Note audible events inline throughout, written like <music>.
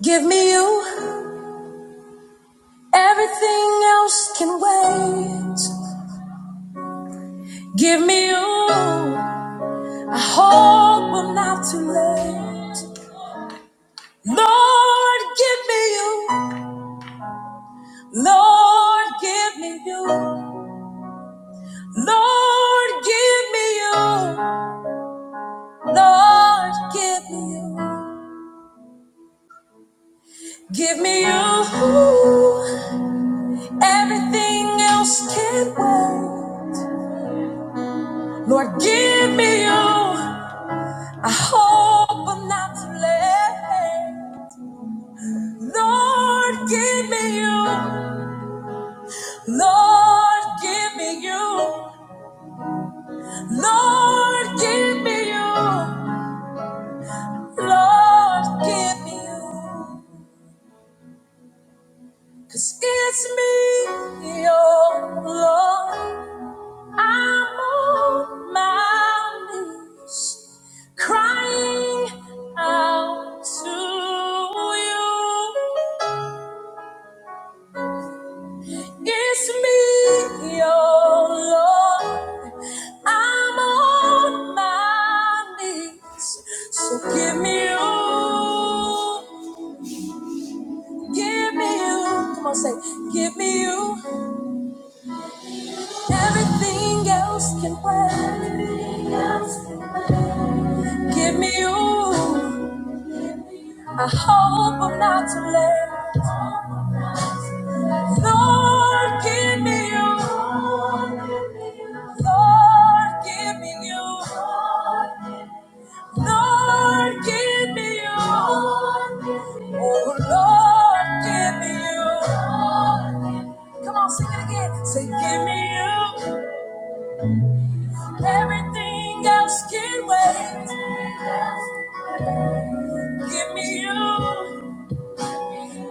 Give me you. Everything else can wait. Give me you. I hope I'm not too late. Lord, give me you. Lord, give me you. Lord, give me you. Lord, give me you. Give me you. Everything else can wait. Lord, give me you. I hope I'm not too late. Lord, give me you. Lord, give me you. Lord, give me you. Lord, give me you. 'Cause it's me, oh Lord. I'm on my knees, crying out to you. It's me, oh Lord. I'm on my knees. So give me you. Give me you. Come on, say, give me you. Everything else can wait. Give me you. I hope I'm not too late. Lord, give me you. Lord, give me you. Lord, give me you. Oh, Lord, give me you. Come on, sing it again. Say, give me you. Everything else can wait. Give me you.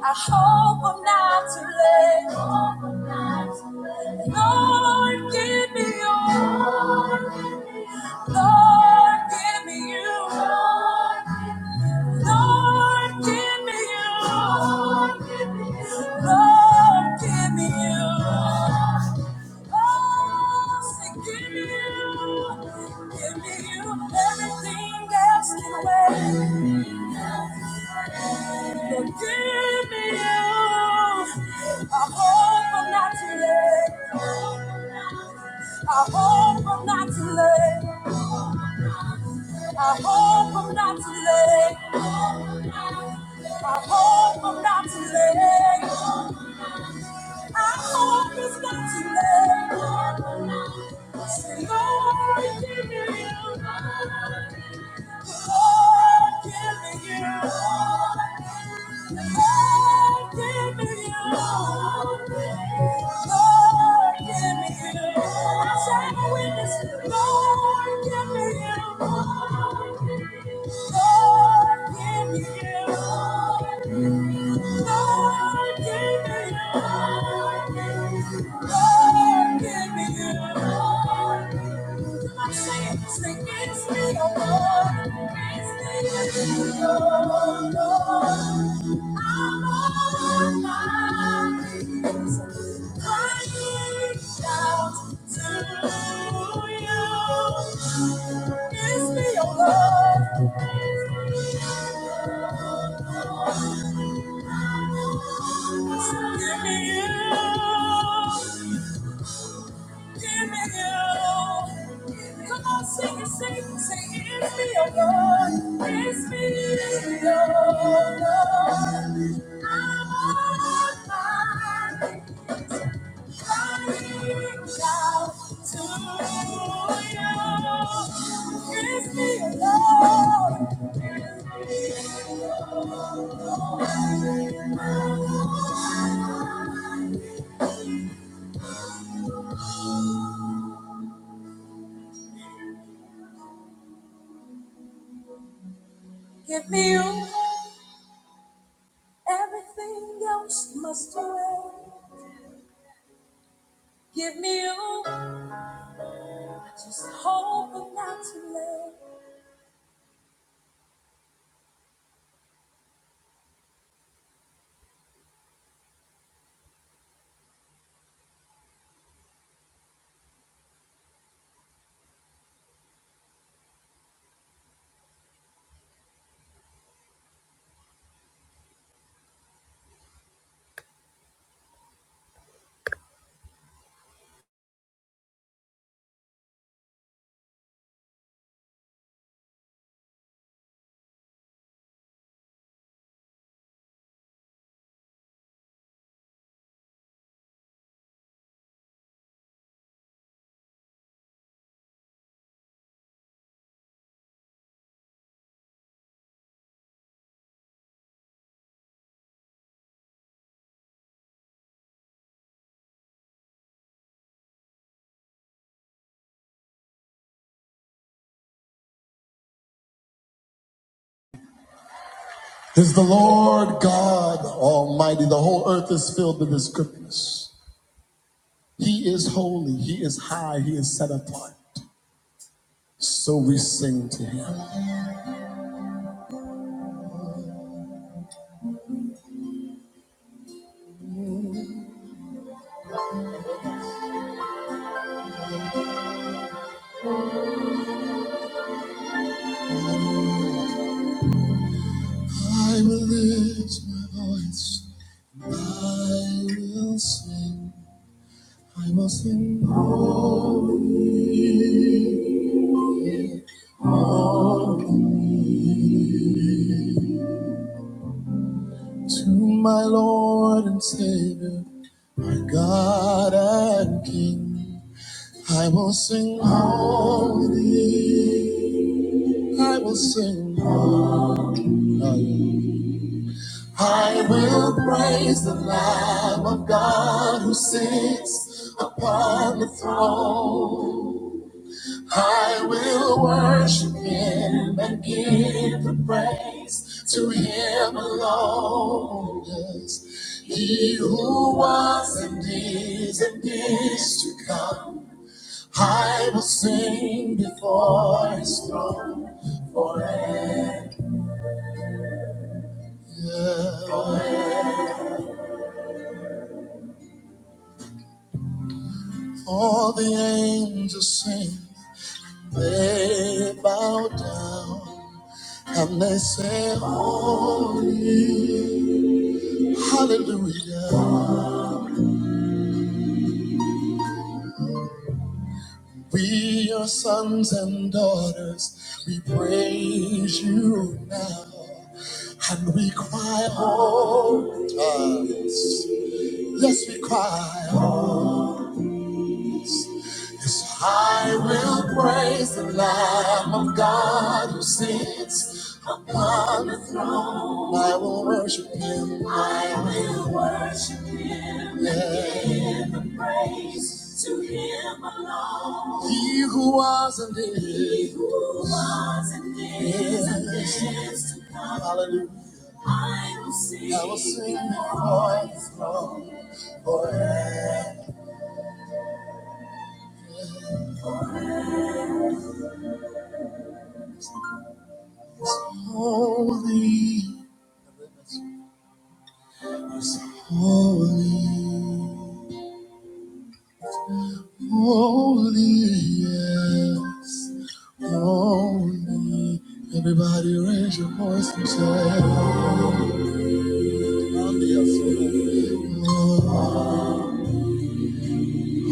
I hope I'm not too late. Lord, give me you. Lord, give me you. Lord, give me you. Lord, give me you. Lord, give me you. Oh, say, give me you. Give me you. Everything else can wait. Lord, give me you. I hope I'm not too late. I hope I'm not too late. I hope I'm not too late. I hope I'm not too late. I hope it's not too late. Say, Sing over Lord, give me you. Lord, Give me you. Come on, sing it, sing it, sing it. It's me, oh Lord. It's me, oh Lord. I'm on my knees, crying out to you. It's me, oh Lord. It's me, oh Lord. Give me you. Everything else must away. Give me you. I just hope I'm not too late. Is the Lord God Almighty. The whole earth is filled with His goodness. He is holy. He is high. He is set apart. So we sing to Him. I will lift my voice. I will sing. I will sing to my Lord and Savior, my God and King. I will sing holy. I will sing. I will praise the Lamb of God who sits upon the throne. I will worship him and give the praise to him alone. Yes, he who was and is and is to come. I will sing before his throne forever. Yeah. Forever. All the angels sing, they bow down and they say, Holy, Hallelujah. We are sons and daughters, we praise you now. And we cry, Holy. Yes, we cry, Yes, I will praise the Lamb of God who sits upon the throne. I will worship him. I will worship him. Yeah. Give the praise to him alone. He who was and is. He who was and is. and Yes. is to come. Hallelujah. I will sing. I will sing before his throne forever. Holy is holy, holy, yes, holy. Everybody raise your voice and say, Holy, yes.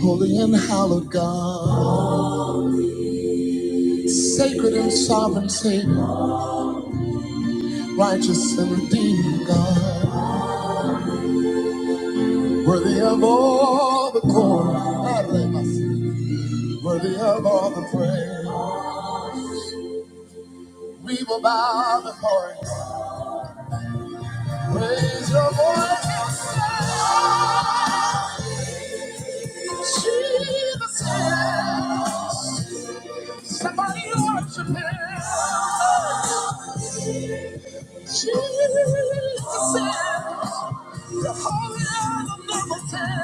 holy and hallowed God, sacred and sovereign Savior, righteous and redeeming God, worthy of all the glory. Worthy of all the praise. We will bow before you. Raise your voice. Jesus is. Somebody worship him. Jesus is. The holy of the number ten.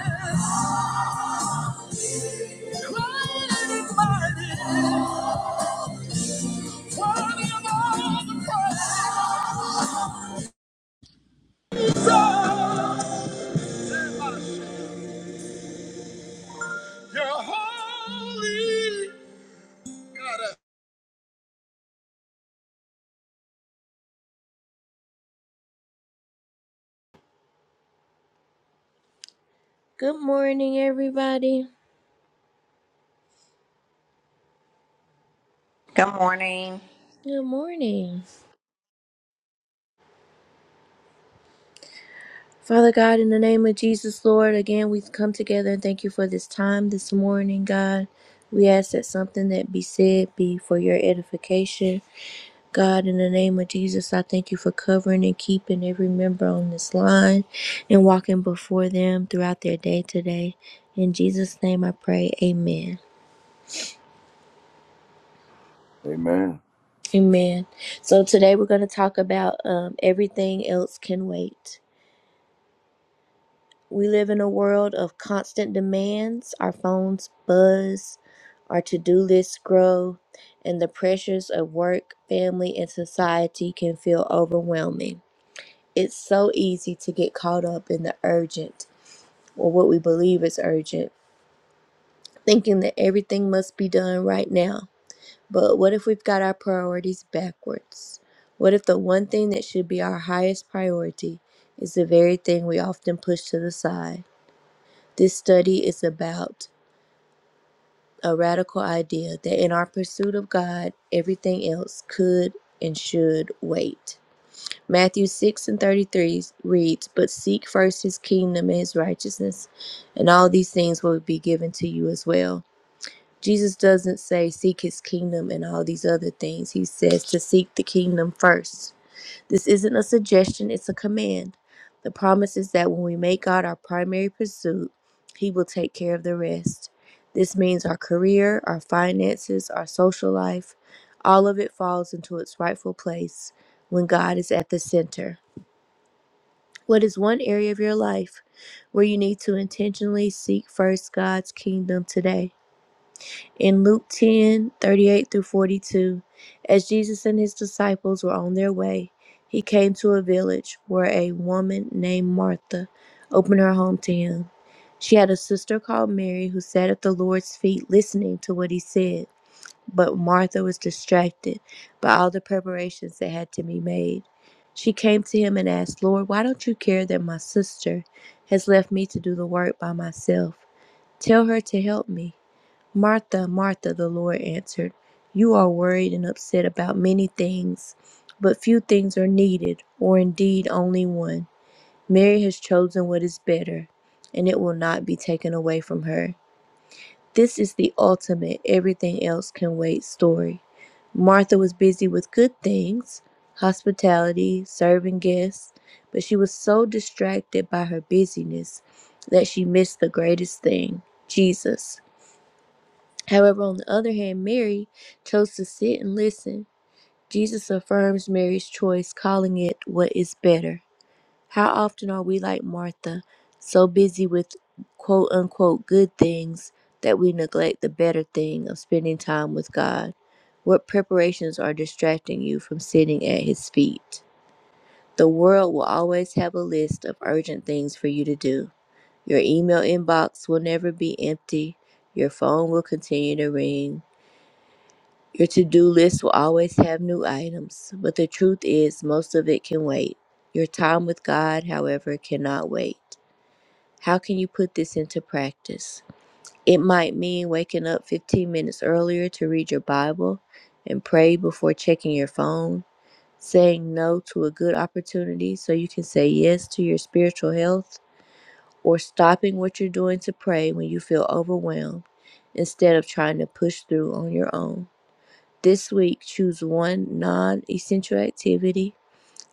Great and mighty. Worthy of all the praise. You're holy. Good morning, everybody. Good morning. Good morning. Father God, in the name of Jesus, Lord, again, we've come together and thank you for this time this morning, God. We ask that something that be said be for your edification God, in the name of Jesus, I thank you for covering and keeping every member on this line and walking before them throughout their day today. In Jesus' name I pray, amen. Amen. Amen. So today we're going to talk about um, everything else can wait. We live in a world of constant demands, our phones buzz, our to do lists grow, and the pressures of work, family, and society can feel overwhelming. it's so easy to get caught up in the urgent or what we believe is urgent, thinking that everything must be done right now. But what if we've got our priorities backwards? What if the one thing that should be our highest priority is the very thing we often push to the side? This study is about a radical idea that in our pursuit of God, everything else could and should wait. Matthew 6 and 33 reads, But seek first his kingdom and his righteousness, and all these things will be given to you as well. Jesus doesn't say seek his kingdom and all these other things. He says to seek the kingdom first. This isn't a suggestion, it's a command. The promise is that when we make God our primary pursuit, he will take care of the rest. This means our career, our finances, our social life, all of it falls into its rightful place when God is at the center. What is one area of your life where you need to intentionally seek first God's kingdom today? In Luke 10 38 through 42, as Jesus and his disciples were on their way, he came to a village where a woman named Martha opened her home to him. She had a sister called Mary who sat at the Lord's feet listening to what he said. But Martha was distracted by all the preparations that had to be made. She came to him and asked, Lord, why don't you care that my sister has left me to do the work by myself? Tell her to help me. Martha, Martha, the Lord answered, You are worried and upset about many things, but few things are needed, or indeed only one. Mary has chosen what is better, and it will not be taken away from her. This is the ultimate everything else can wait story. Martha was busy with good things, hospitality, serving guests, but she was so distracted by her busyness that she missed the greatest thing Jesus. However, on the other hand, Mary chose to sit and listen. Jesus affirms Mary's choice, calling it what is better. How often are we like Martha, so busy with quote unquote good things that we neglect the better thing of spending time with God? What preparations are distracting you from sitting at His feet? The world will always have a list of urgent things for you to do. Your email inbox will never be empty. Your phone will continue to ring. Your to do list will always have new items, but the truth is, most of it can wait. Your time with God, however, cannot wait. How can you put this into practice? It might mean waking up 15 minutes earlier to read your Bible and pray before checking your phone, saying no to a good opportunity so you can say yes to your spiritual health, or stopping what you're doing to pray when you feel overwhelmed instead of trying to push through on your own. This week, choose one non essential activity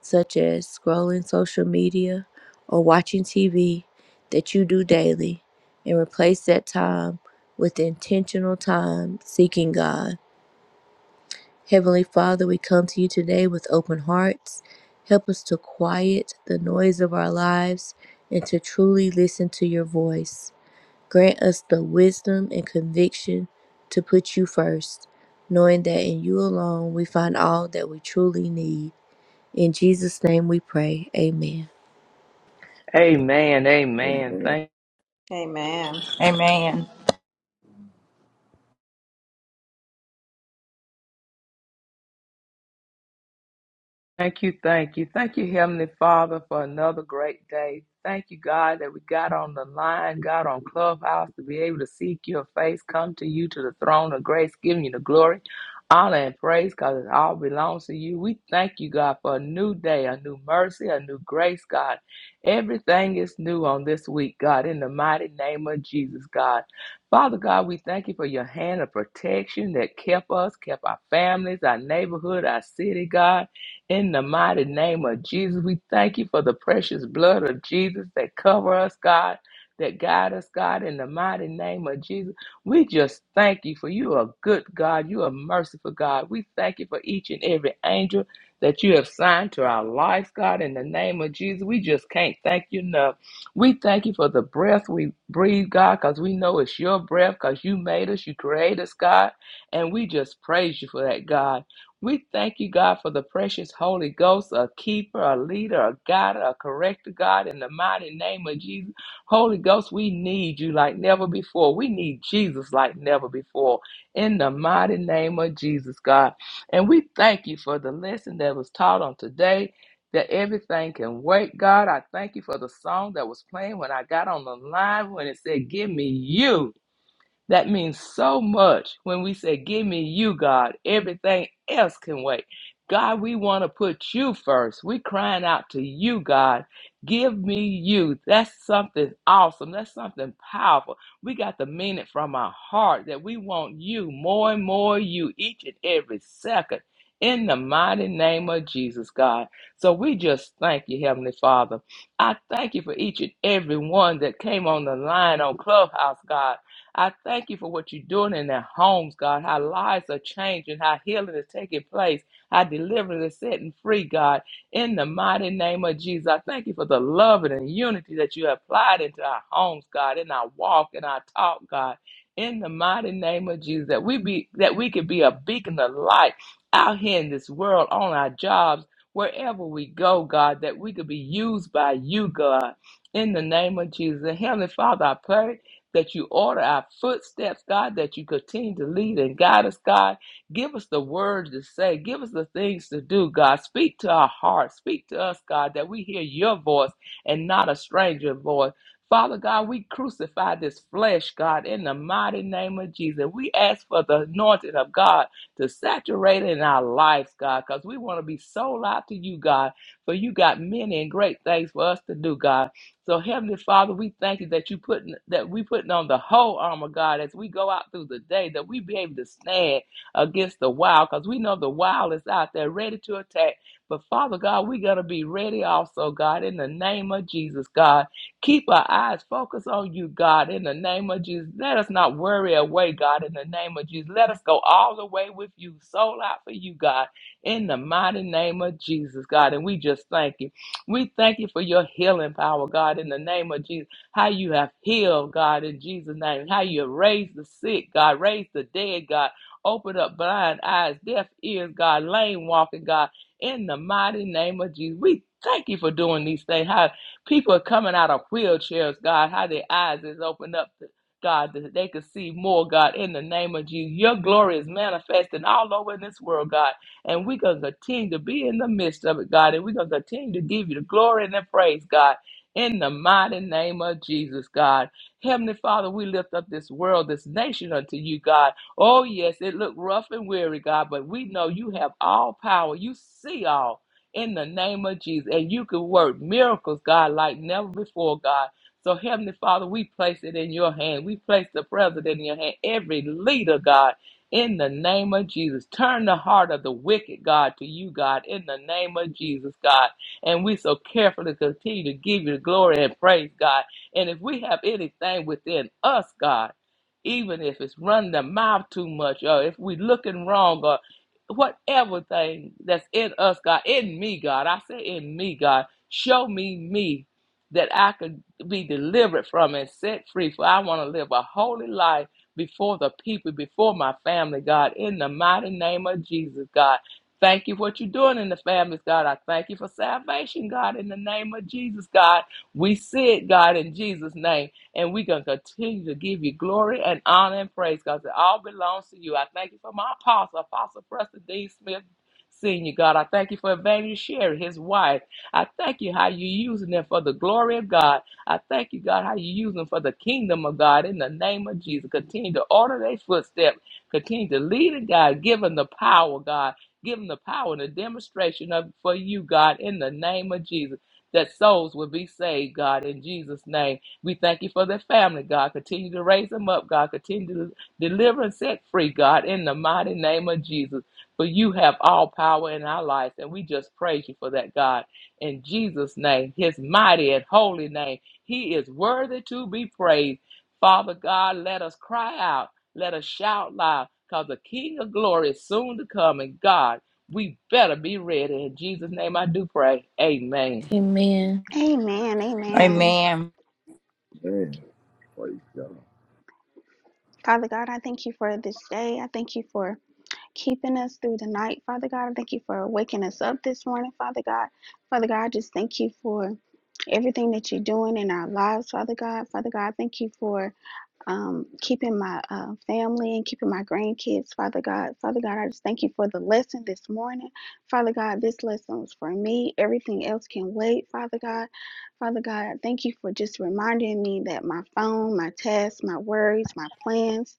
such as scrolling social media or watching TV that you do daily and replace that time with intentional time seeking God. Heavenly Father, we come to you today with open hearts. Help us to quiet the noise of our lives and to truly listen to your voice. Grant us the wisdom and conviction to put you first, knowing that in you alone we find all that we truly need. In Jesus' name we pray. Amen. Amen. Amen. Amen. Thank Amen. Amen. Thank you, thank you. Thank you, Heavenly Father, for another great day. Thank you, God, that we got on the line, got on Clubhouse to be able to seek your face, come to you to the throne of grace, giving you the glory, honor, and praise because it all belongs to you. We thank you, God, for a new day, a new mercy, a new grace, God. Everything is new on this week, God, in the mighty name of Jesus, God. Father God, we thank you for your hand of protection that kept us, kept our families, our neighborhood, our city, God. In the mighty name of Jesus, we thank you for the precious blood of Jesus that cover us, God, that guide us, God. In the mighty name of Jesus, we just thank you for you are good, God. You are merciful, God. We thank you for each and every angel that you have signed to our lives, God. In the name of Jesus, we just can't thank you enough. We thank you for the breath we breathe, God, because we know it's your breath, because you made us, you created us, God. And we just praise you for that, God. We thank you, God, for the precious Holy Ghost, a keeper, a leader, a guide, a corrector, God, in the mighty name of Jesus. Holy Ghost, we need you like never before. We need Jesus like never before, in the mighty name of Jesus, God. And we thank you for the lesson that was taught on today. That everything can wait, God. I thank you for the song that was playing when I got on the line when it said, Give me you. That means so much when we say, Give me you, God. Everything else can wait. God, we want to put you first. we crying out to you, God. Give me you. That's something awesome. That's something powerful. We got to mean it from our heart that we want you more and more, you each and every second. In the mighty name of Jesus, God. So we just thank you, Heavenly Father. I thank you for each and every one that came on the line on Clubhouse, God. I thank you for what you're doing in their homes, God, how lives are changing, how healing is taking place, how deliverance is setting free, God. In the mighty name of Jesus, I thank you for the love and the unity that you have applied into our homes, God, in our walk, in our talk, God. In the mighty name of Jesus, that we be that we could be a beacon of light out here in this world, on our jobs, wherever we go, God, that we could be used by you, God. In the name of Jesus. And Heavenly Father, I pray that you order our footsteps, God, that you continue to lead and guide us, God. Give us the words to say, give us the things to do, God. Speak to our hearts, speak to us, God, that we hear your voice and not a stranger voice. Father God, we crucify this flesh, God, in the mighty name of Jesus. We ask for the anointing of God to saturate in our lives, God, because we want to be sold out to you, God, for you got many and great things for us to do, God. So Heavenly Father, we thank you that you putting that we putting on the whole armor, God, as we go out through the day, that we be able to stand against the wild, because we know the wild is out there ready to attack. But Father God, we're gonna be ready also, God, in the name of Jesus, God. Keep our eyes focused on you, God, in the name of Jesus. Let us not worry away, God, in the name of Jesus. Let us go all the way with you, soul out for you, God, in the mighty name of Jesus, God. And we just thank you. We thank you for your healing power, God, in the name of Jesus. How you have healed, God, in Jesus' name. How you have raised the sick, God, raised the dead, God. Open up blind eyes, deaf ears, God, lame walking, God, in the mighty name of Jesus. We thank you for doing these things. How people are coming out of wheelchairs, God, how their eyes is opened up. God, that they can see more, God, in the name of Jesus. Your glory is manifesting all over in this world, God and we're going to continue to be in the midst of it, God. And we're going to continue to give you the glory and the praise, God. In the mighty name of Jesus, God. Heavenly Father, we lift up this world, this nation unto you, God. Oh, yes, it looked rough and weary, God, but we know you have all power. You see all in the name of Jesus. And you can work miracles, God, like never before, God. So, Heavenly Father, we place it in your hand. We place the president in your hand, every leader, God in the name of Jesus. Turn the heart of the wicked, God, to you, God, in the name of Jesus, God. And we so carefully continue to give you the glory and praise, God. And if we have anything within us, God, even if it's running the mouth too much, or if we looking wrong, or whatever thing that's in us, God, in me, God, I say in me, God, show me me that I could be delivered from and set free, for I want to live a holy life before the people, before my family, God, in the mighty name of Jesus, God. Thank you for what you're doing in the families, God. I thank you for salvation, God, in the name of Jesus, God. We see it, God, in Jesus' name. And we're going to continue to give you glory and honor and praise, God. It all belongs to you. I thank you for my apostle, Apostle Preston D. Smith. Senior God, I thank you for Evangelist Sherry, his wife. I thank you how you're using them for the glory of God. I thank you, God, how you use them for the kingdom of God in the name of Jesus. Continue to order their footsteps. Continue to lead it, God. Give them the power, God. Give them the power and the demonstration of for you, God, in the name of Jesus. That souls will be saved, God, in Jesus' name. We thank you for their family, God. Continue to raise them up, God. Continue to deliver and set free, God, in the mighty name of Jesus. For you have all power in our lives, and we just praise you for that, God. In Jesus' name, his mighty and holy name. He is worthy to be praised. Father God, let us cry out. Let us shout loud because the King of glory is soon to come. And God, we better be ready. In Jesus' name I do pray. Amen. Amen. Amen. Amen. Amen. Amen. Amen. Praise God. Father God, I thank you for this day. I thank you for keeping us through the night, Father God. I thank you for waking us up this morning, Father God. Father God, I just thank you for everything that you're doing in our lives, Father God. Father God, I thank you for um, keeping my uh, family and keeping my grandkids, Father God. Father God, I just thank you for the lesson this morning. Father God, this lesson was for me. Everything else can wait, Father God. Father God, thank you for just reminding me that my phone, my tasks, my worries, my plans,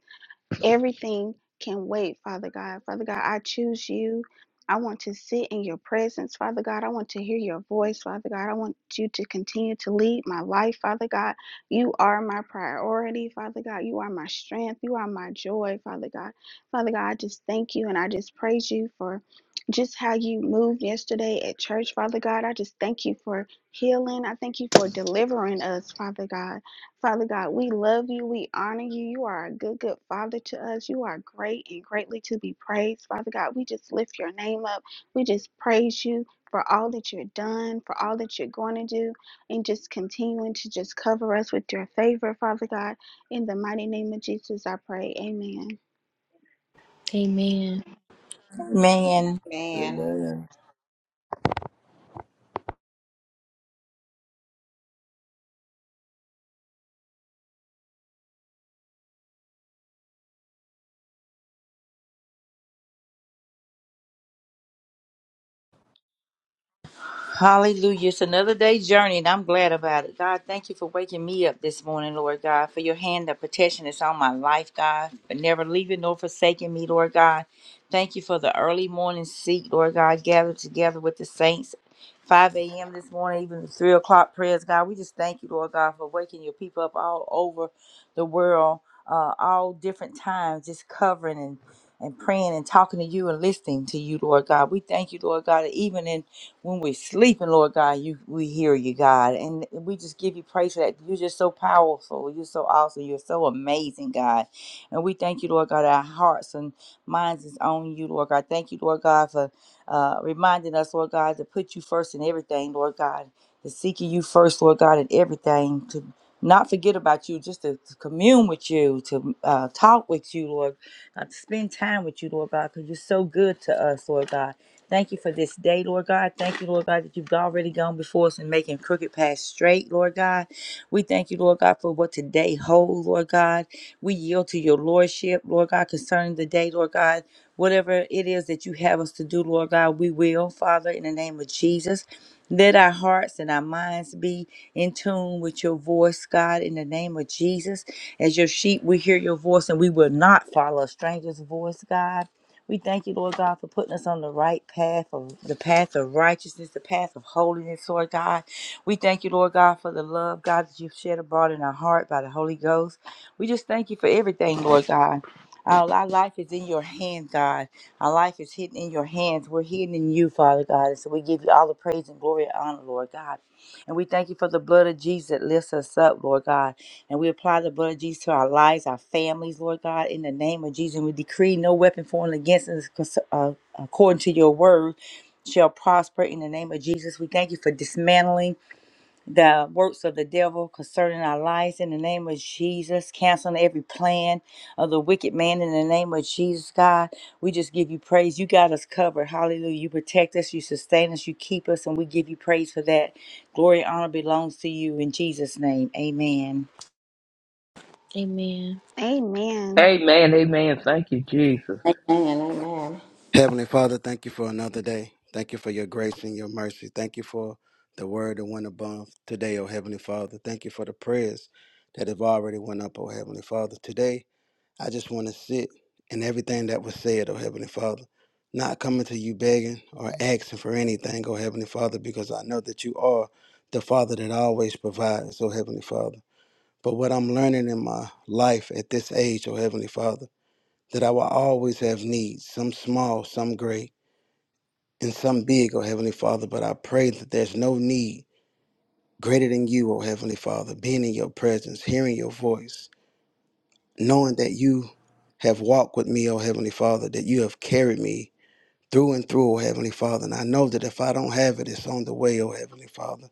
Everything can wait, Father God. Father God, I choose you. I want to sit in your presence, Father God. I want to hear your voice, Father God. I want you to continue to lead my life, Father God. You are my priority, Father God. You are my strength. You are my joy, Father God. Father God, I just thank you and I just praise you for just how you moved yesterday at church, Father God. I just thank you for healing. I thank you for delivering us, Father God. Father God, we love you. We honor you. You are a good, good Father to us. You are great and greatly to be praised. Father God, we just lift your name up. We just praise you for all that you're done, for all that you're going to do, and just continuing to just cover us with your favor, Father God. In the mighty name of Jesus, I pray. Amen. Amen. Amen. Amen. Amen. Amen. Hallelujah. It's another day's journey, and I'm glad about it. God, thank you for waking me up this morning, Lord God, for your hand of protection that's on my life, God, for never leaving nor forsaking me, Lord God. Thank you for the early morning seat, Lord God, gathered together with the saints. 5 a.m. this morning, even the 3 o'clock prayers, God. We just thank you, Lord God, for waking your people up all over the world, uh, all different times, just covering and, and praying and talking to you and listening to you, Lord God. We thank you, Lord God, that even in when we're sleeping, Lord God, you we hear you, God. And we just give you praise for that. You're just so powerful. You're so awesome. You're so amazing, God. And we thank you, Lord God, our hearts and minds is on you, Lord God. Thank you, Lord God, for uh, reminding us, Lord God, to put you first in everything, Lord God, to seeking you first, Lord God, in everything, to not forget about you, just to, to commune with you, to uh, talk with you, Lord, uh, to spend time with you, Lord God, because you're so good to us, Lord God. Thank you for this day, Lord God. Thank you, Lord God, that you've already gone before us and making crooked paths straight, Lord God. We thank you, Lord God, for what today holds, Lord God. We yield to your lordship, Lord God, concerning the day, Lord God. Whatever it is that you have us to do, Lord God, we will, Father, in the name of Jesus. Let our hearts and our minds be in tune with your voice, God, in the name of Jesus. As your sheep, we hear your voice and we will not follow a stranger's voice, God. We thank you, Lord God, for putting us on the right path of the path of righteousness, the path of holiness, Lord God. We thank you, Lord God, for the love, God, that you've shed abroad in our heart by the Holy Ghost. We just thank you for everything, Lord God. Our, our life is in your hands, God. Our life is hidden in your hands. We're hidden in you, Father God. And so we give you all the praise and glory and honor, Lord God. And we thank you for the blood of Jesus that lifts us up, Lord God. And we apply the blood of Jesus to our lives, our families, Lord God, in the name of Jesus. And we decree no weapon formed against us, uh, according to your word, shall prosper in the name of Jesus. We thank you for dismantling the works of the devil concerning our lives in the name of Jesus, canceling every plan of the wicked man in the name of Jesus, God. We just give you praise. You got us covered. Hallelujah. You protect us, you sustain us, you keep us, and we give you praise for that. Glory and honor belongs to you in Jesus' name. Amen. Amen. Amen. Amen. Amen. Thank you, Jesus. Amen. Amen. Heavenly Father, thank you for another day. Thank you for your grace and your mercy. Thank you for the word that went above today, oh Heavenly Father. Thank you for the prayers that have already went up, oh Heavenly Father. Today, I just want to sit in everything that was said, oh Heavenly Father. Not coming to you begging or asking for anything, oh Heavenly Father, because I know that you are the Father that always provides, oh Heavenly Father. But what I'm learning in my life at this age, oh Heavenly Father, that I will always have needs, some small, some great and some big, O Heavenly Father, but I pray that there's no need greater than you, O Heavenly Father, being in your presence, hearing your voice, knowing that you have walked with me, O Heavenly Father, that you have carried me through and through, O Heavenly Father. And I know that if I don't have it, it's on the way, O Heavenly Father.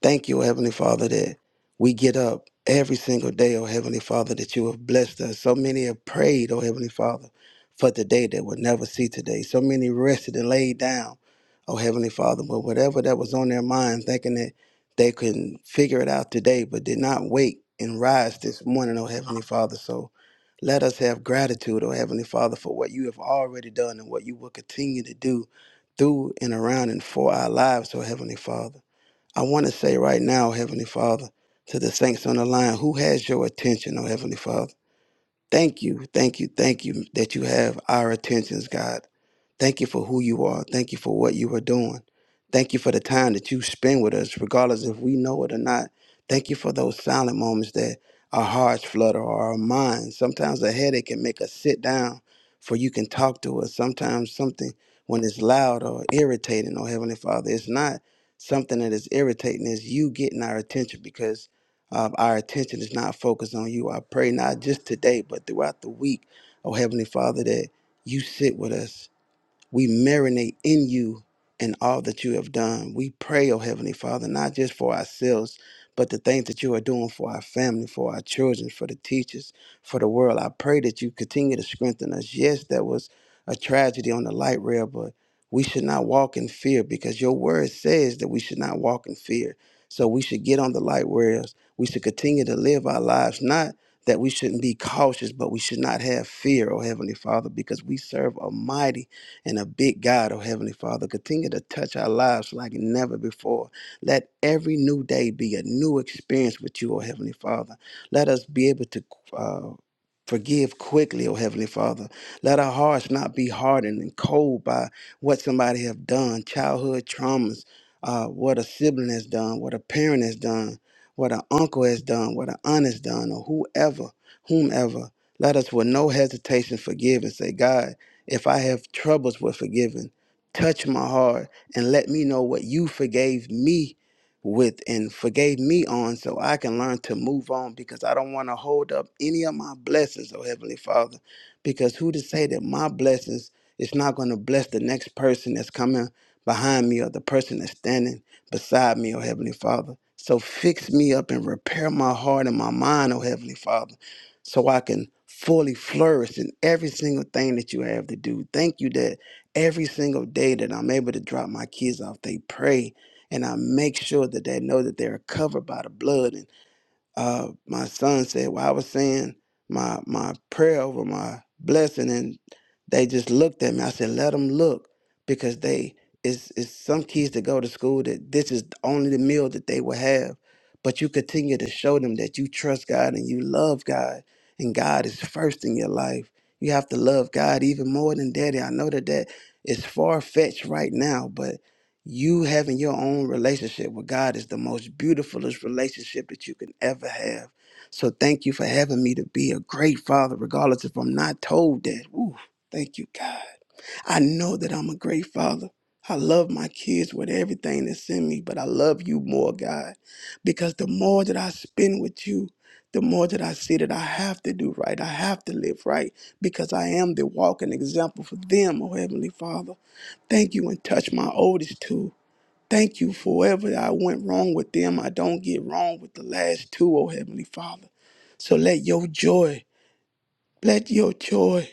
Thank you, Heavenly Father, that we get up every single day, oh Heavenly Father, that you have blessed us. So many have prayed, oh Heavenly Father, for the day that we'll never see today. So many rested and laid down, oh Heavenly Father, but whatever that was on their mind, thinking that they can figure it out today, but did not wake and rise this morning, oh Heavenly Father. So let us have gratitude, oh Heavenly Father, for what you have already done and what you will continue to do through and around and for our lives, oh Heavenly Father. I want to say right now, Heavenly Father, to the saints on the line, who has your attention, oh Heavenly Father? Thank you, thank you, thank you that you have our attentions, God. Thank you for who you are. Thank you for what you are doing. Thank you for the time that you spend with us, regardless if we know it or not. Thank you for those silent moments that our hearts flutter or our minds. Sometimes a headache can make us sit down for you can talk to us. Sometimes something when it's loud or irritating, oh Heavenly Father, it's not something that is irritating, it's you getting our attention because um, our attention is not focused on you. I pray not just today, but throughout the week, oh Heavenly Father, that you sit with us we marinate in you and all that you have done. We pray, oh Heavenly Father, not just for ourselves, but the things that you are doing for our family, for our children, for the teachers, for the world. I pray that you continue to strengthen us. Yes, that was a tragedy on the light rail, but we should not walk in fear because your word says that we should not walk in fear. So we should get on the light rails. We should continue to live our lives, not that we shouldn't be cautious, but we should not have fear, oh Heavenly Father, because we serve a mighty. And a big God, oh Heavenly Father, continue to touch our lives like never before. Let every new day be a new experience with you, oh Heavenly Father. Let us be able to. Uh, Forgive quickly, oh Heavenly Father. Let our hearts not be hardened and cold by what somebody have done, childhood traumas, uh, what a sibling has done, what a parent has done, what an uncle has done, what an aunt has done, or whoever, whomever. Let us with no hesitation forgive and say, God, if I have troubles with forgiving, touch my heart and let me know what you forgave me with and forgave me on so I can learn to move on because I don't want to hold up any of my blessings, oh Heavenly Father. Because who to say that my blessings is not going to bless the next person that's coming behind me or the person that's standing beside me, oh Heavenly Father. So fix me up and repair my heart and my mind, oh Heavenly Father so I can fully flourish in every single thing that you have to do. Thank you that every single day that I'm able to drop my kids off, they pray and I make sure that they know that they're covered by the blood And uh, my son said, "Well, I was saying my my prayer over my blessing," and they just looked at me. I said, "Let them look, because they it's it's some kids that go to school that this is only the meal that they will have, but you continue to show them that you trust God and you love God, and God is first in your life. You have to love God even more than Daddy. I know that that is far fetched right now, but." You having your own relationship with God is the most beautifulest relationship that you can ever have. So thank you for having me to be a great father, regardless if I'm not told that. Ooh, thank you, God. I know that I'm a great father. I love my kids with everything that's in me, but I love you more, God, because the more that I spend with you, the more that I see that I have to do right, I have to live right, because I am the walking example for them, oh Heavenly Father. Thank you and touch my oldest too Thank you for wherever I went wrong with them. I don't get wrong with the last two, oh Heavenly Father. So let your joy, let your joy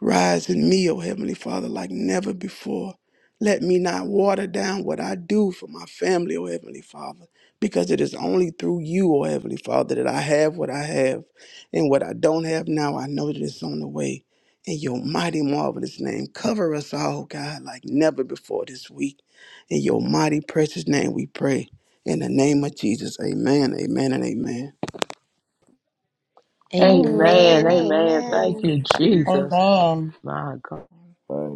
Rise in me, O Heavenly Father, like never before. Let me not water down what I do for my family, O Heavenly Father, because it is only through you, O Heavenly Father, that I have what I have. And what I don't have now, I know that it's on the way. In your mighty, marvelous name, cover us all, God, like never before this week. In your mighty, precious name, we pray. In the name of Jesus, amen, amen, and amen. Amen. Amen. Amen. Amen. Amen. Thank Thank Amen. you, you. Jesus. Amen. My God. Thank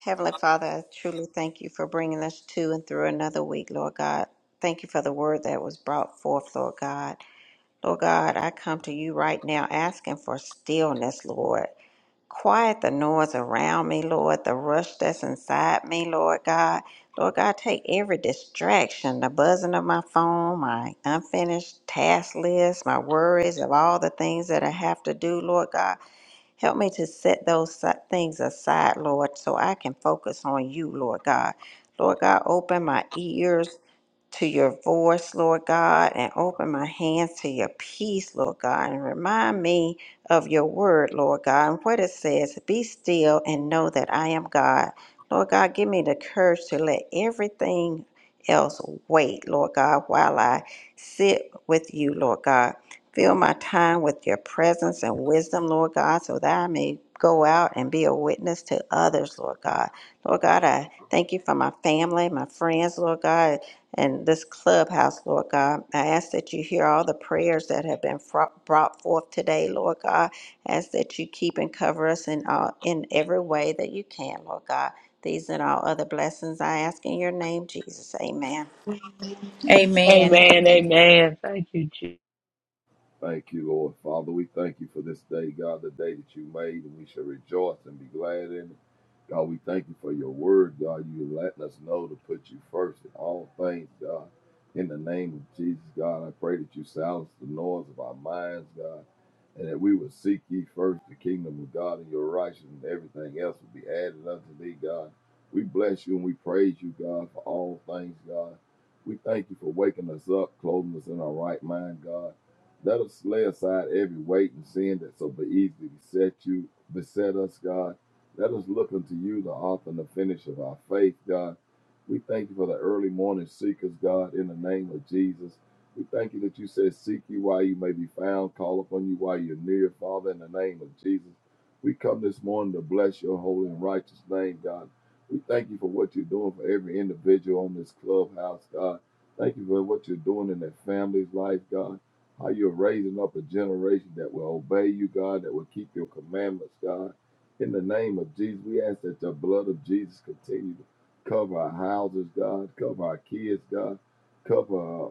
Heavenly Father, I truly thank you for bringing us to and through another week, Lord God. Thank you for the word that was brought forth, Lord God. Lord God, I come to you right now asking for stillness, Lord. Quiet the noise around me, Lord, the rush that's inside me, Lord God. Lord God, take every distraction, the buzzing of my phone, my unfinished task list, my worries of all the things that I have to do, Lord God. Help me to set those si- things aside, Lord, so I can focus on you, Lord God. Lord God, open my ears to your voice, Lord God, and open my hands to your peace, Lord God, and remind me of your word, Lord God, and what it says be still and know that I am God. Lord God, give me the courage to let everything else wait, Lord God, while I sit with you, Lord God. Fill my time with your presence and wisdom, Lord God, so that I may go out and be a witness to others, Lord God. Lord God, I thank you for my family, my friends, Lord God and this clubhouse, Lord God. I ask that you hear all the prayers that have been fro- brought forth today, Lord God. I Ask that you keep and cover us in all in every way that you can, Lord God. These and all other blessings I ask in your name, Jesus. Amen. Amen. Amen. Amen. Thank you, Jesus. Thank you, Lord. Father, we thank you for this day, God, the day that you made, and we shall rejoice and be glad in it. God, we thank you for your word, God. You letting us know to put you first in all things, God. In the name of Jesus, God, I pray that you silence the noise of our minds, God, and that we will seek ye first the kingdom of God and your righteousness, and everything else will be added unto thee, God. We bless you and we praise you, God, for all things, God. We thank you for waking us up, clothing us in our right mind, God. Let us lay aside every weight and sin that so easily beset you, beset us, God. Let us look unto you, the author and the finish of our faith, God. We thank you for the early morning seekers, God, in the name of Jesus. We thank you that you said, Seek you while you may be found, call upon you while you're near, Father, in the name of Jesus. We come this morning to bless your holy and righteous name, God. We thank you for what you're doing for every individual on this clubhouse, God. Thank you for what you're doing in their family's life, God how you're raising up a generation that will obey you, God, that will keep your commandments, God. In the name of Jesus, we ask that the blood of Jesus continue to cover our houses, God, cover our kids, God, cover uh,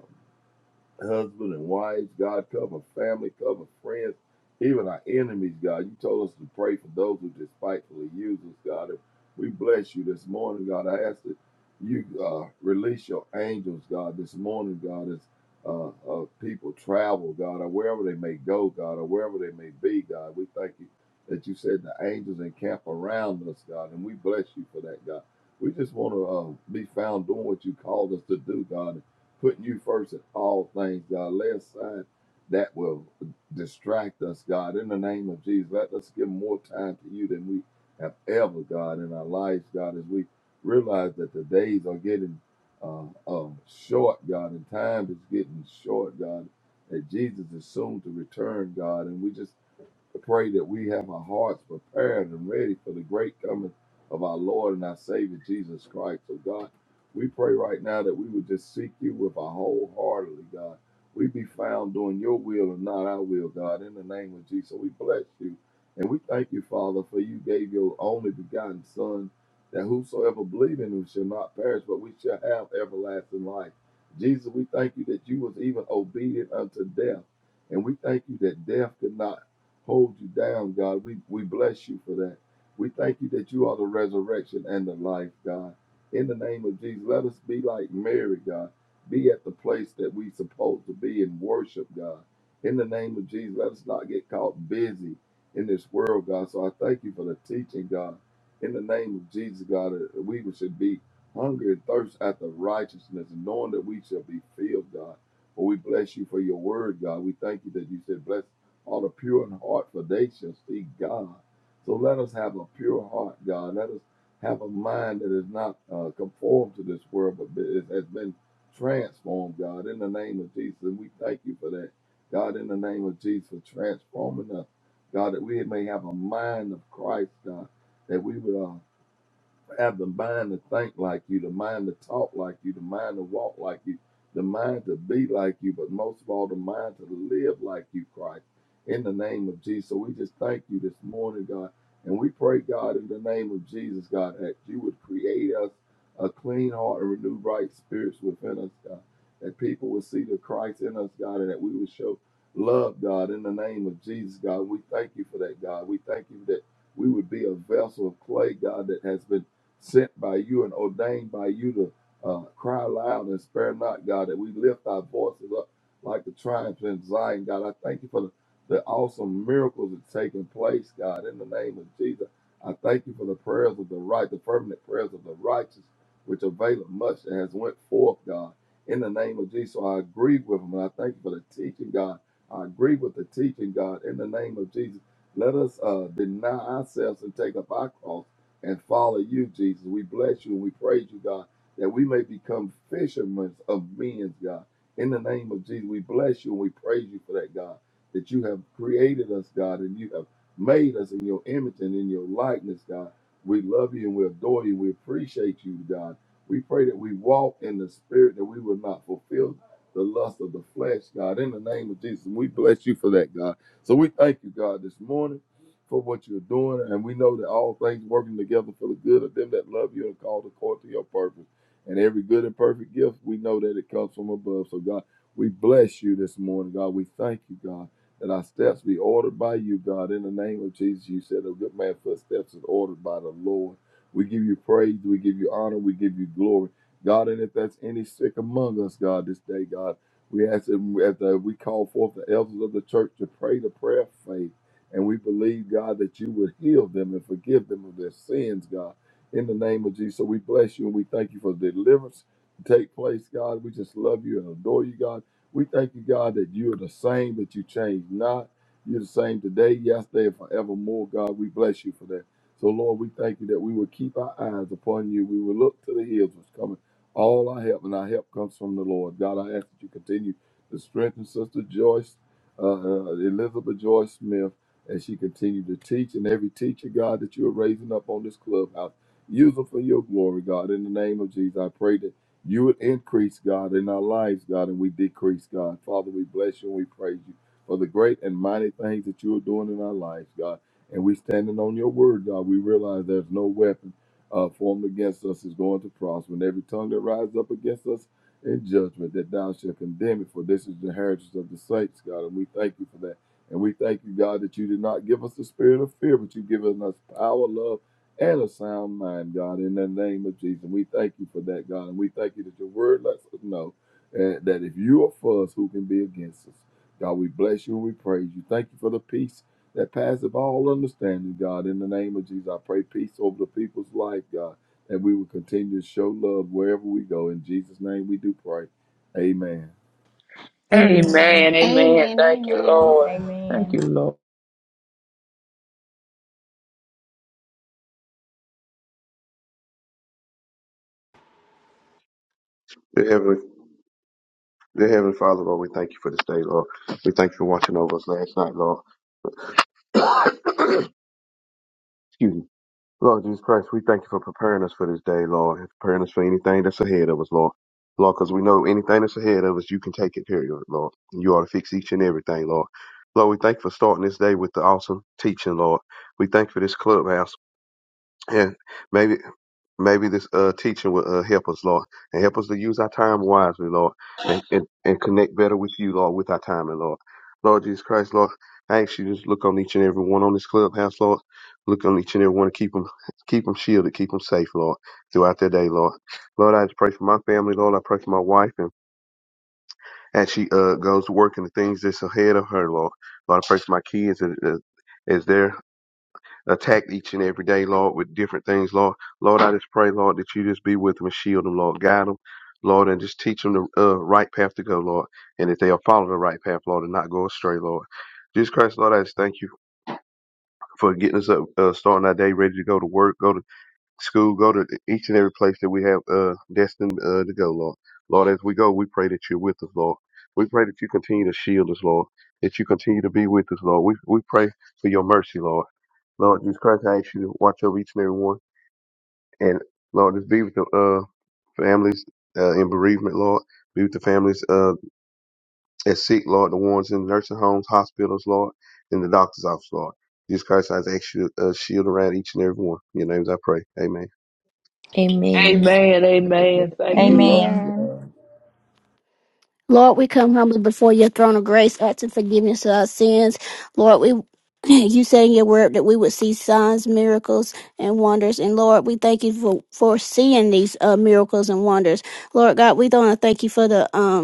husband and wives, God, cover family, cover friends, even our enemies, God. You told us to pray for those who despitefully use us, God. And we bless you this morning, God. I ask that you uh, release your angels, God, this morning, God, as uh, uh, people travel, God, or wherever they may go, God, or wherever they may be, God. We thank you that you said the angels encamp around us, God, and we bless you for that, God. We just want to uh, be found doing what you called us to do, God putting you first in all things, God. Lay aside that will distract us, God. In the name of Jesus, let us give more time to you than we have ever, God, in our lives, God, as we realize that the days are getting uh, um, short, God, and time is getting short, God, that Jesus is soon to return, God, and we just I pray that we have our hearts prepared and ready for the great coming of our Lord and our Savior Jesus Christ. So, God, we pray right now that we would just seek you with our wholeheartedly, God. We be found doing your will and not our will, God. In the name of Jesus, So we bless you. And we thank you, Father, for you gave your only begotten Son, that whosoever believe in him shall not perish, but we shall have everlasting life. Jesus, we thank you that you was even obedient unto death. And we thank you that death could not hold you down, God. We, we bless you for that. We thank you that you are the resurrection and the life, God. In the name of Jesus, let us be like Mary, God. Be at the place that we supposed to be and worship, God. In the name of Jesus, let us not get caught busy in this world, God. So I thank you for the teaching, God. In the name of Jesus, God, that we should be hungry and thirst after righteousness, knowing that we shall be filled, God. But we bless you for your word, God. We thank you that you said, bless or the pure in heart, for they shall see God. So let us have a pure heart, God. Let us have a mind that is not uh, conformed to this world, but it has been transformed, God, in the name of Jesus. And we thank you for that, God, in the name of Jesus, for transforming us, God, that we may have a mind of Christ, God, that we would. uh, have the mind to think like you, the mind to talk like you, the mind to walk like you, the mind to be like you, but most of all, the mind to live like you, Christ, in the name of Jesus. So we just thank you this morning, God. And we pray, God, in the name of Jesus, God, that you would create us a clean heart and renew right spirits within us, God. That people would see the Christ in us, God, and that we would show love, God, in the name of Jesus, God. We thank you for that, God. We thank you that we would be a vessel of clay, God, that has been sent by you and ordained by you to uh, cry aloud and spare not, God, that we lift our voices up like the triumphs in Zion, God. I thank you for the, the awesome miracles that's taking place, God, in the name of Jesus. I thank you for the prayers of the right, the permanent prayers of the righteous, which avail much and has went forth, God, in the name of Jesus. So I agree with them, and I thank you for the teaching, God. I agree with the teaching, God, in the name of Jesus. Let us uh, deny ourselves and take up our cross and follow you, Jesus. We bless you and we praise you, God, that we may become fishermen of men, God. In the name of Jesus, we bless you and we praise you for that, God, that you have created us, God, and you have made us in your image and in your likeness, God. We love you and we adore you. We appreciate you, God. We pray that we walk in the spirit, that we will not fulfill the lust of the flesh, God. In the name of Jesus, we bless you for that, God. So we thank you, God, this morning for what you're doing. And we know that all things working together for the good of them that love you and call the court to your purpose. And every good and perfect gift, we know that it comes from above. So, God, we bless you this morning, God. We thank you, God, that our steps be ordered by you, God. In the name of Jesus, you said a good man's footsteps is ordered by the Lord. We give you praise, we give you honor, we give you glory. God, and if that's any sick among us, God, this day, God, we ask that as we call forth the elders of the church to pray the prayer of faith. And we believe, God, that you would heal them and forgive them of their sins, God, in the name of Jesus. So we bless you and we thank you for the deliverance to take place, God. We just love you and adore you, God. We thank you, God, that you are the same, that you change not. You're the same today, yesterday, and forevermore, God. We bless you for that. So, Lord, we thank you that we will keep our eyes upon you. We will look to the hills which coming. All our help and our help comes from the Lord. God, I ask that you continue to strengthen Sister Joyce, uh, uh, Elizabeth Joyce Smith as she continued to teach. And every teacher, God, that you are raising up on this clubhouse, use them for your glory, God. In the name of Jesus, I pray that you would increase, God, in our lives, God, and we decrease, God. Father, we bless you and we praise you for the great and mighty things that you are doing in our lives, God. And we standing on your word, God. We realize there's no weapon uh, formed against us is going to prosper. And every tongue that rises up against us in judgment, that thou shalt condemn it. For this is the heritage of the saints, God. And we thank you for that. And we thank you, God, that you did not give us the spirit of fear, but you've given us power, love, and a sound mind, God, in the name of Jesus. We thank you for that, God. And we thank you that your word lets us know eh, that if you are for us, who can be against us? God, we bless you and we praise you. Thank you for the peace that passeth all understanding, God. In the name of Jesus, I pray peace over the people's life, God, And we will continue to show love wherever we go. In Jesus' name we do pray. Amen. Amen. Amen. Amen. Amen. Thank you, Amen. Lord. Thank Amen. you, Lord. Dear Heavenly, dear Heavenly Father, Lord, we thank you for this day, Lord. We thank you for watching over us last night, Lord. <coughs> Excuse me. Lord Jesus Christ, we thank you for preparing us for this day, Lord, and preparing us for anything that's ahead of us, Lord. Lord, because we know anything that's ahead of us, you can take it, period, Lord. And you ought to fix each and everything, Lord. Lord, we thank you for starting this day with the awesome teaching, Lord. We thank you for this clubhouse. And maybe Maybe this uh, teaching will uh, help us, Lord, and help us to use our time wisely, Lord, and, and, and connect better with you, Lord, with our time, and Lord. Lord Jesus Christ, Lord, I ask you just look on each and every one on this clubhouse, Lord. Look on each and every one and keep them, keep them shielded, keep them safe, Lord, throughout their day, Lord. Lord, I just pray for my family, Lord. I pray for my wife and as she uh, goes to work and the things that's ahead of her, Lord. Lord, I pray for my kids as, as they're attacked each and every day, Lord, with different things, Lord. Lord, I just pray, Lord, that you just be with them and shield them, Lord. Guide them, Lord, and just teach them the uh, right path to go, Lord. And that they'll follow the right path, Lord, and not go astray, Lord. Jesus Christ, Lord, I just thank you for getting us up, uh, starting our day ready to go to work, go to school, go to e-, each and every place that we have uh, destined uh, to go, Lord. Lord, as we go, we pray that you're with us, Lord. We pray that you continue to shield us, Lord. That you continue to be with us, Lord. We we pray for your mercy, Lord. Lord Jesus Christ, I ask you to watch over each and every one, and Lord, just be with the uh, families uh, in bereavement, Lord. Be with the families uh, at sick, Lord. The ones in nursing homes, hospitals, Lord, in the doctor's office, Lord. Jesus Christ, I ask you to uh, shield around each and every one. In your names, I pray. Amen. Amen. Amen. Amen. Thank you, Lord. Amen. Amen. God, Lord, we come humbly before your throne of grace, asking forgiveness of our sins. Lord, we <clears throat> you said in your word that we would see signs, miracles, and wonders. And Lord, we thank you for, for seeing these uh, miracles and wonders. Lord God, we want to thank you for the um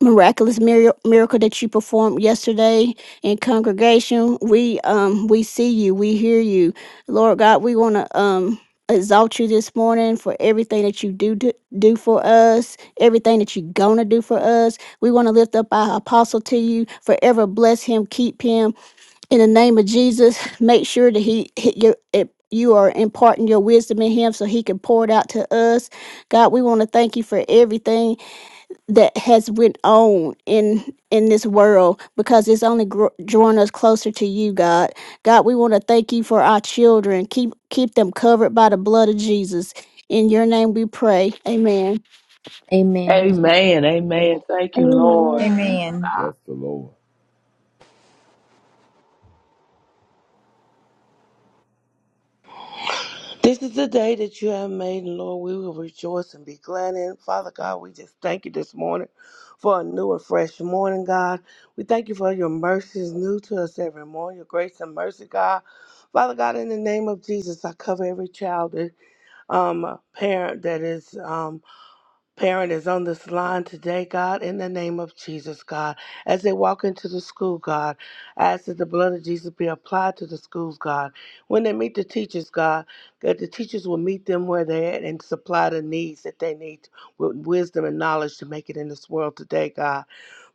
miraculous mir- miracle that you performed yesterday in congregation. We um we see you, we hear you. Lord God, we want to um exalt you this morning for everything that you do, do do for us, everything that you're gonna do for us. We want to lift up our apostle to you. Forever bless him, keep him in the name of Jesus. Make sure that he hit your it, you are imparting your wisdom in him so he can pour it out to us. God, we want to thank you for everything that has went on in in this world because it's only gr- drawing us closer to you god god we want to thank you for our children keep keep them covered by the blood of jesus in your name we pray amen Amen. Amen. Amen. Thank you, Lord. Amen. Amen. bless the Lord. This is the day that you have made, and Lord, we will rejoice and be glad in. it. Father God, we just thank you this morning for a new and fresh morning, God. We thank you for your mercies new to us every morning, your grace and mercy, God. Father God, in the name of Jesus, I cover every child, that, um, parent that is. um parent is on this line today, God, in the name of Jesus, God. As they walk into the school, God, I ask that the blood of Jesus be applied to the schools, God. When they meet the teachers, God, that the teachers will meet them where they're at and supply the needs that they need with wisdom and knowledge to make it in this world today, God.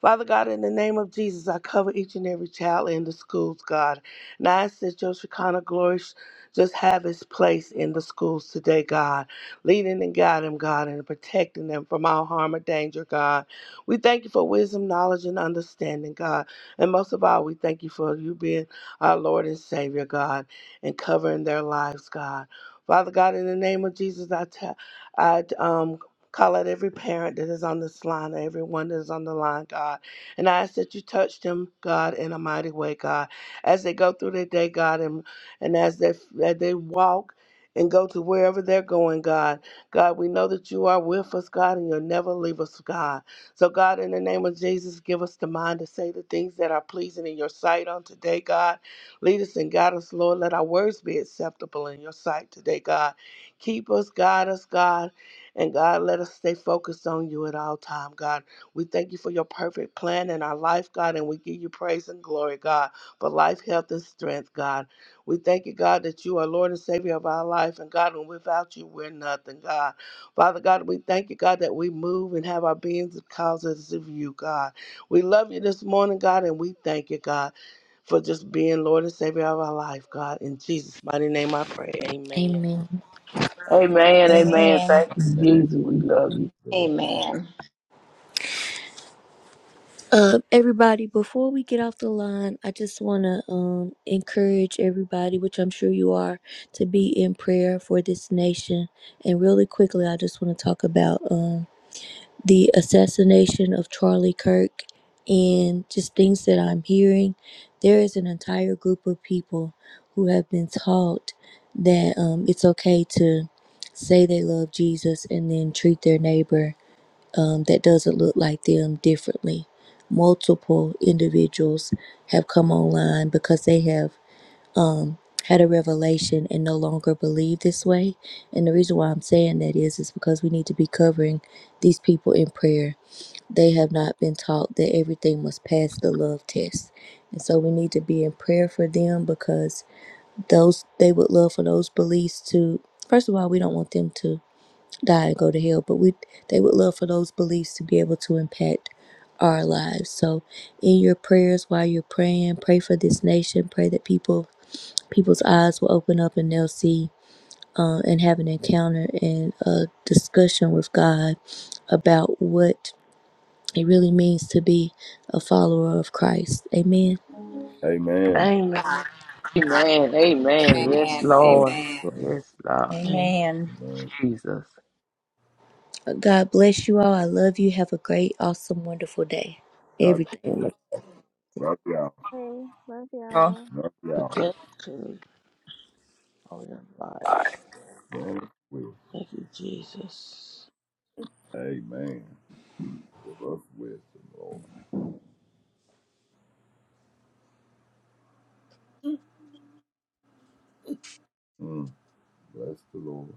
Father God, in the name of Jesus, I cover each and every child in the schools, God. And I ask that your Shekinah glory sh- just have its place in the schools today, God leading and guiding them, God, and protecting them from all harm or danger, God. We thank you for wisdom, knowledge, and understanding, God. And most of all, we thank you for you being our Lord and Savior, God, and covering their lives, God. Father God, in the name of Jesus, I tell, I um. Call out every parent that is on this line, or everyone that is on the line, God. And I ask that you touch them, God, in a mighty way, God. As they go through their day, God, and, and as they, as they walk and go to wherever they're going, God. God, we know that you are with us, God, and you'll never leave us, God. So, God, in the name of Jesus, give us the mind to say the things that are pleasing in your sight on today, God. Lead us and guide us, Lord. Let our words be acceptable in your sight today, God. Keep us, guide us, God. And God, let us stay focused on you at all time, God. We thank you for your perfect plan in our life, God, and we give you praise and glory, God, for life, health, and strength, God. We thank you, God, that you are Lord and Savior of our life. And God, and without you, we're nothing, God. Father God, we thank you, God, that we move and have our beings because of you, God. We love you this morning, God, and we thank you, God, for just being Lord and Savior of our life, God. In Jesus' mighty name I pray. Amen. Amen. Amen. Amen. Amen. Thank you, Amen. Jesus. We Amen. love you. Amen. Uh, everybody, before we get off the line, I just want to um, encourage everybody, which I'm sure you are, to be in prayer for this nation. And really quickly, I just want to talk about. Um, the assassination of Charlie Kirk and just things that I'm hearing, there is an entire group of people who have been taught that um, it's okay to say they love Jesus and then treat their neighbor um, that doesn't look like them differently. Multiple individuals have come online because they have um, had a revelation and no longer believe this way. And the reason why I'm saying that is, is because we need to be covering these people in prayer they have not been taught that everything must pass the love test. And so we need to be in prayer for them because those they would love for those beliefs to first of all, we don't want them to die and go to hell, but we they would love for those beliefs to be able to impact our lives. So in your prayers while you're praying, pray for this nation, pray that people people's eyes will open up and they'll see uh, and have an encounter and a discussion with God about what it really means to be a follower of Christ. Amen. Amen. Amen. Amen. Amen. Amen. Yes, Amen. Amen. Lord. Amen. Amen. Yes, Lord. Lord. Amen. Amen. Jesus. God bless you all. I love you. Have a great, awesome, wonderful day. God bless Everything. you. Love y'all. Hey, love y'all. Love y'all. Protection of your life. Grant us wisdom. Thank you, Jesus. Amen. Give us wisdom, Lord. Mm. Bless the Lord.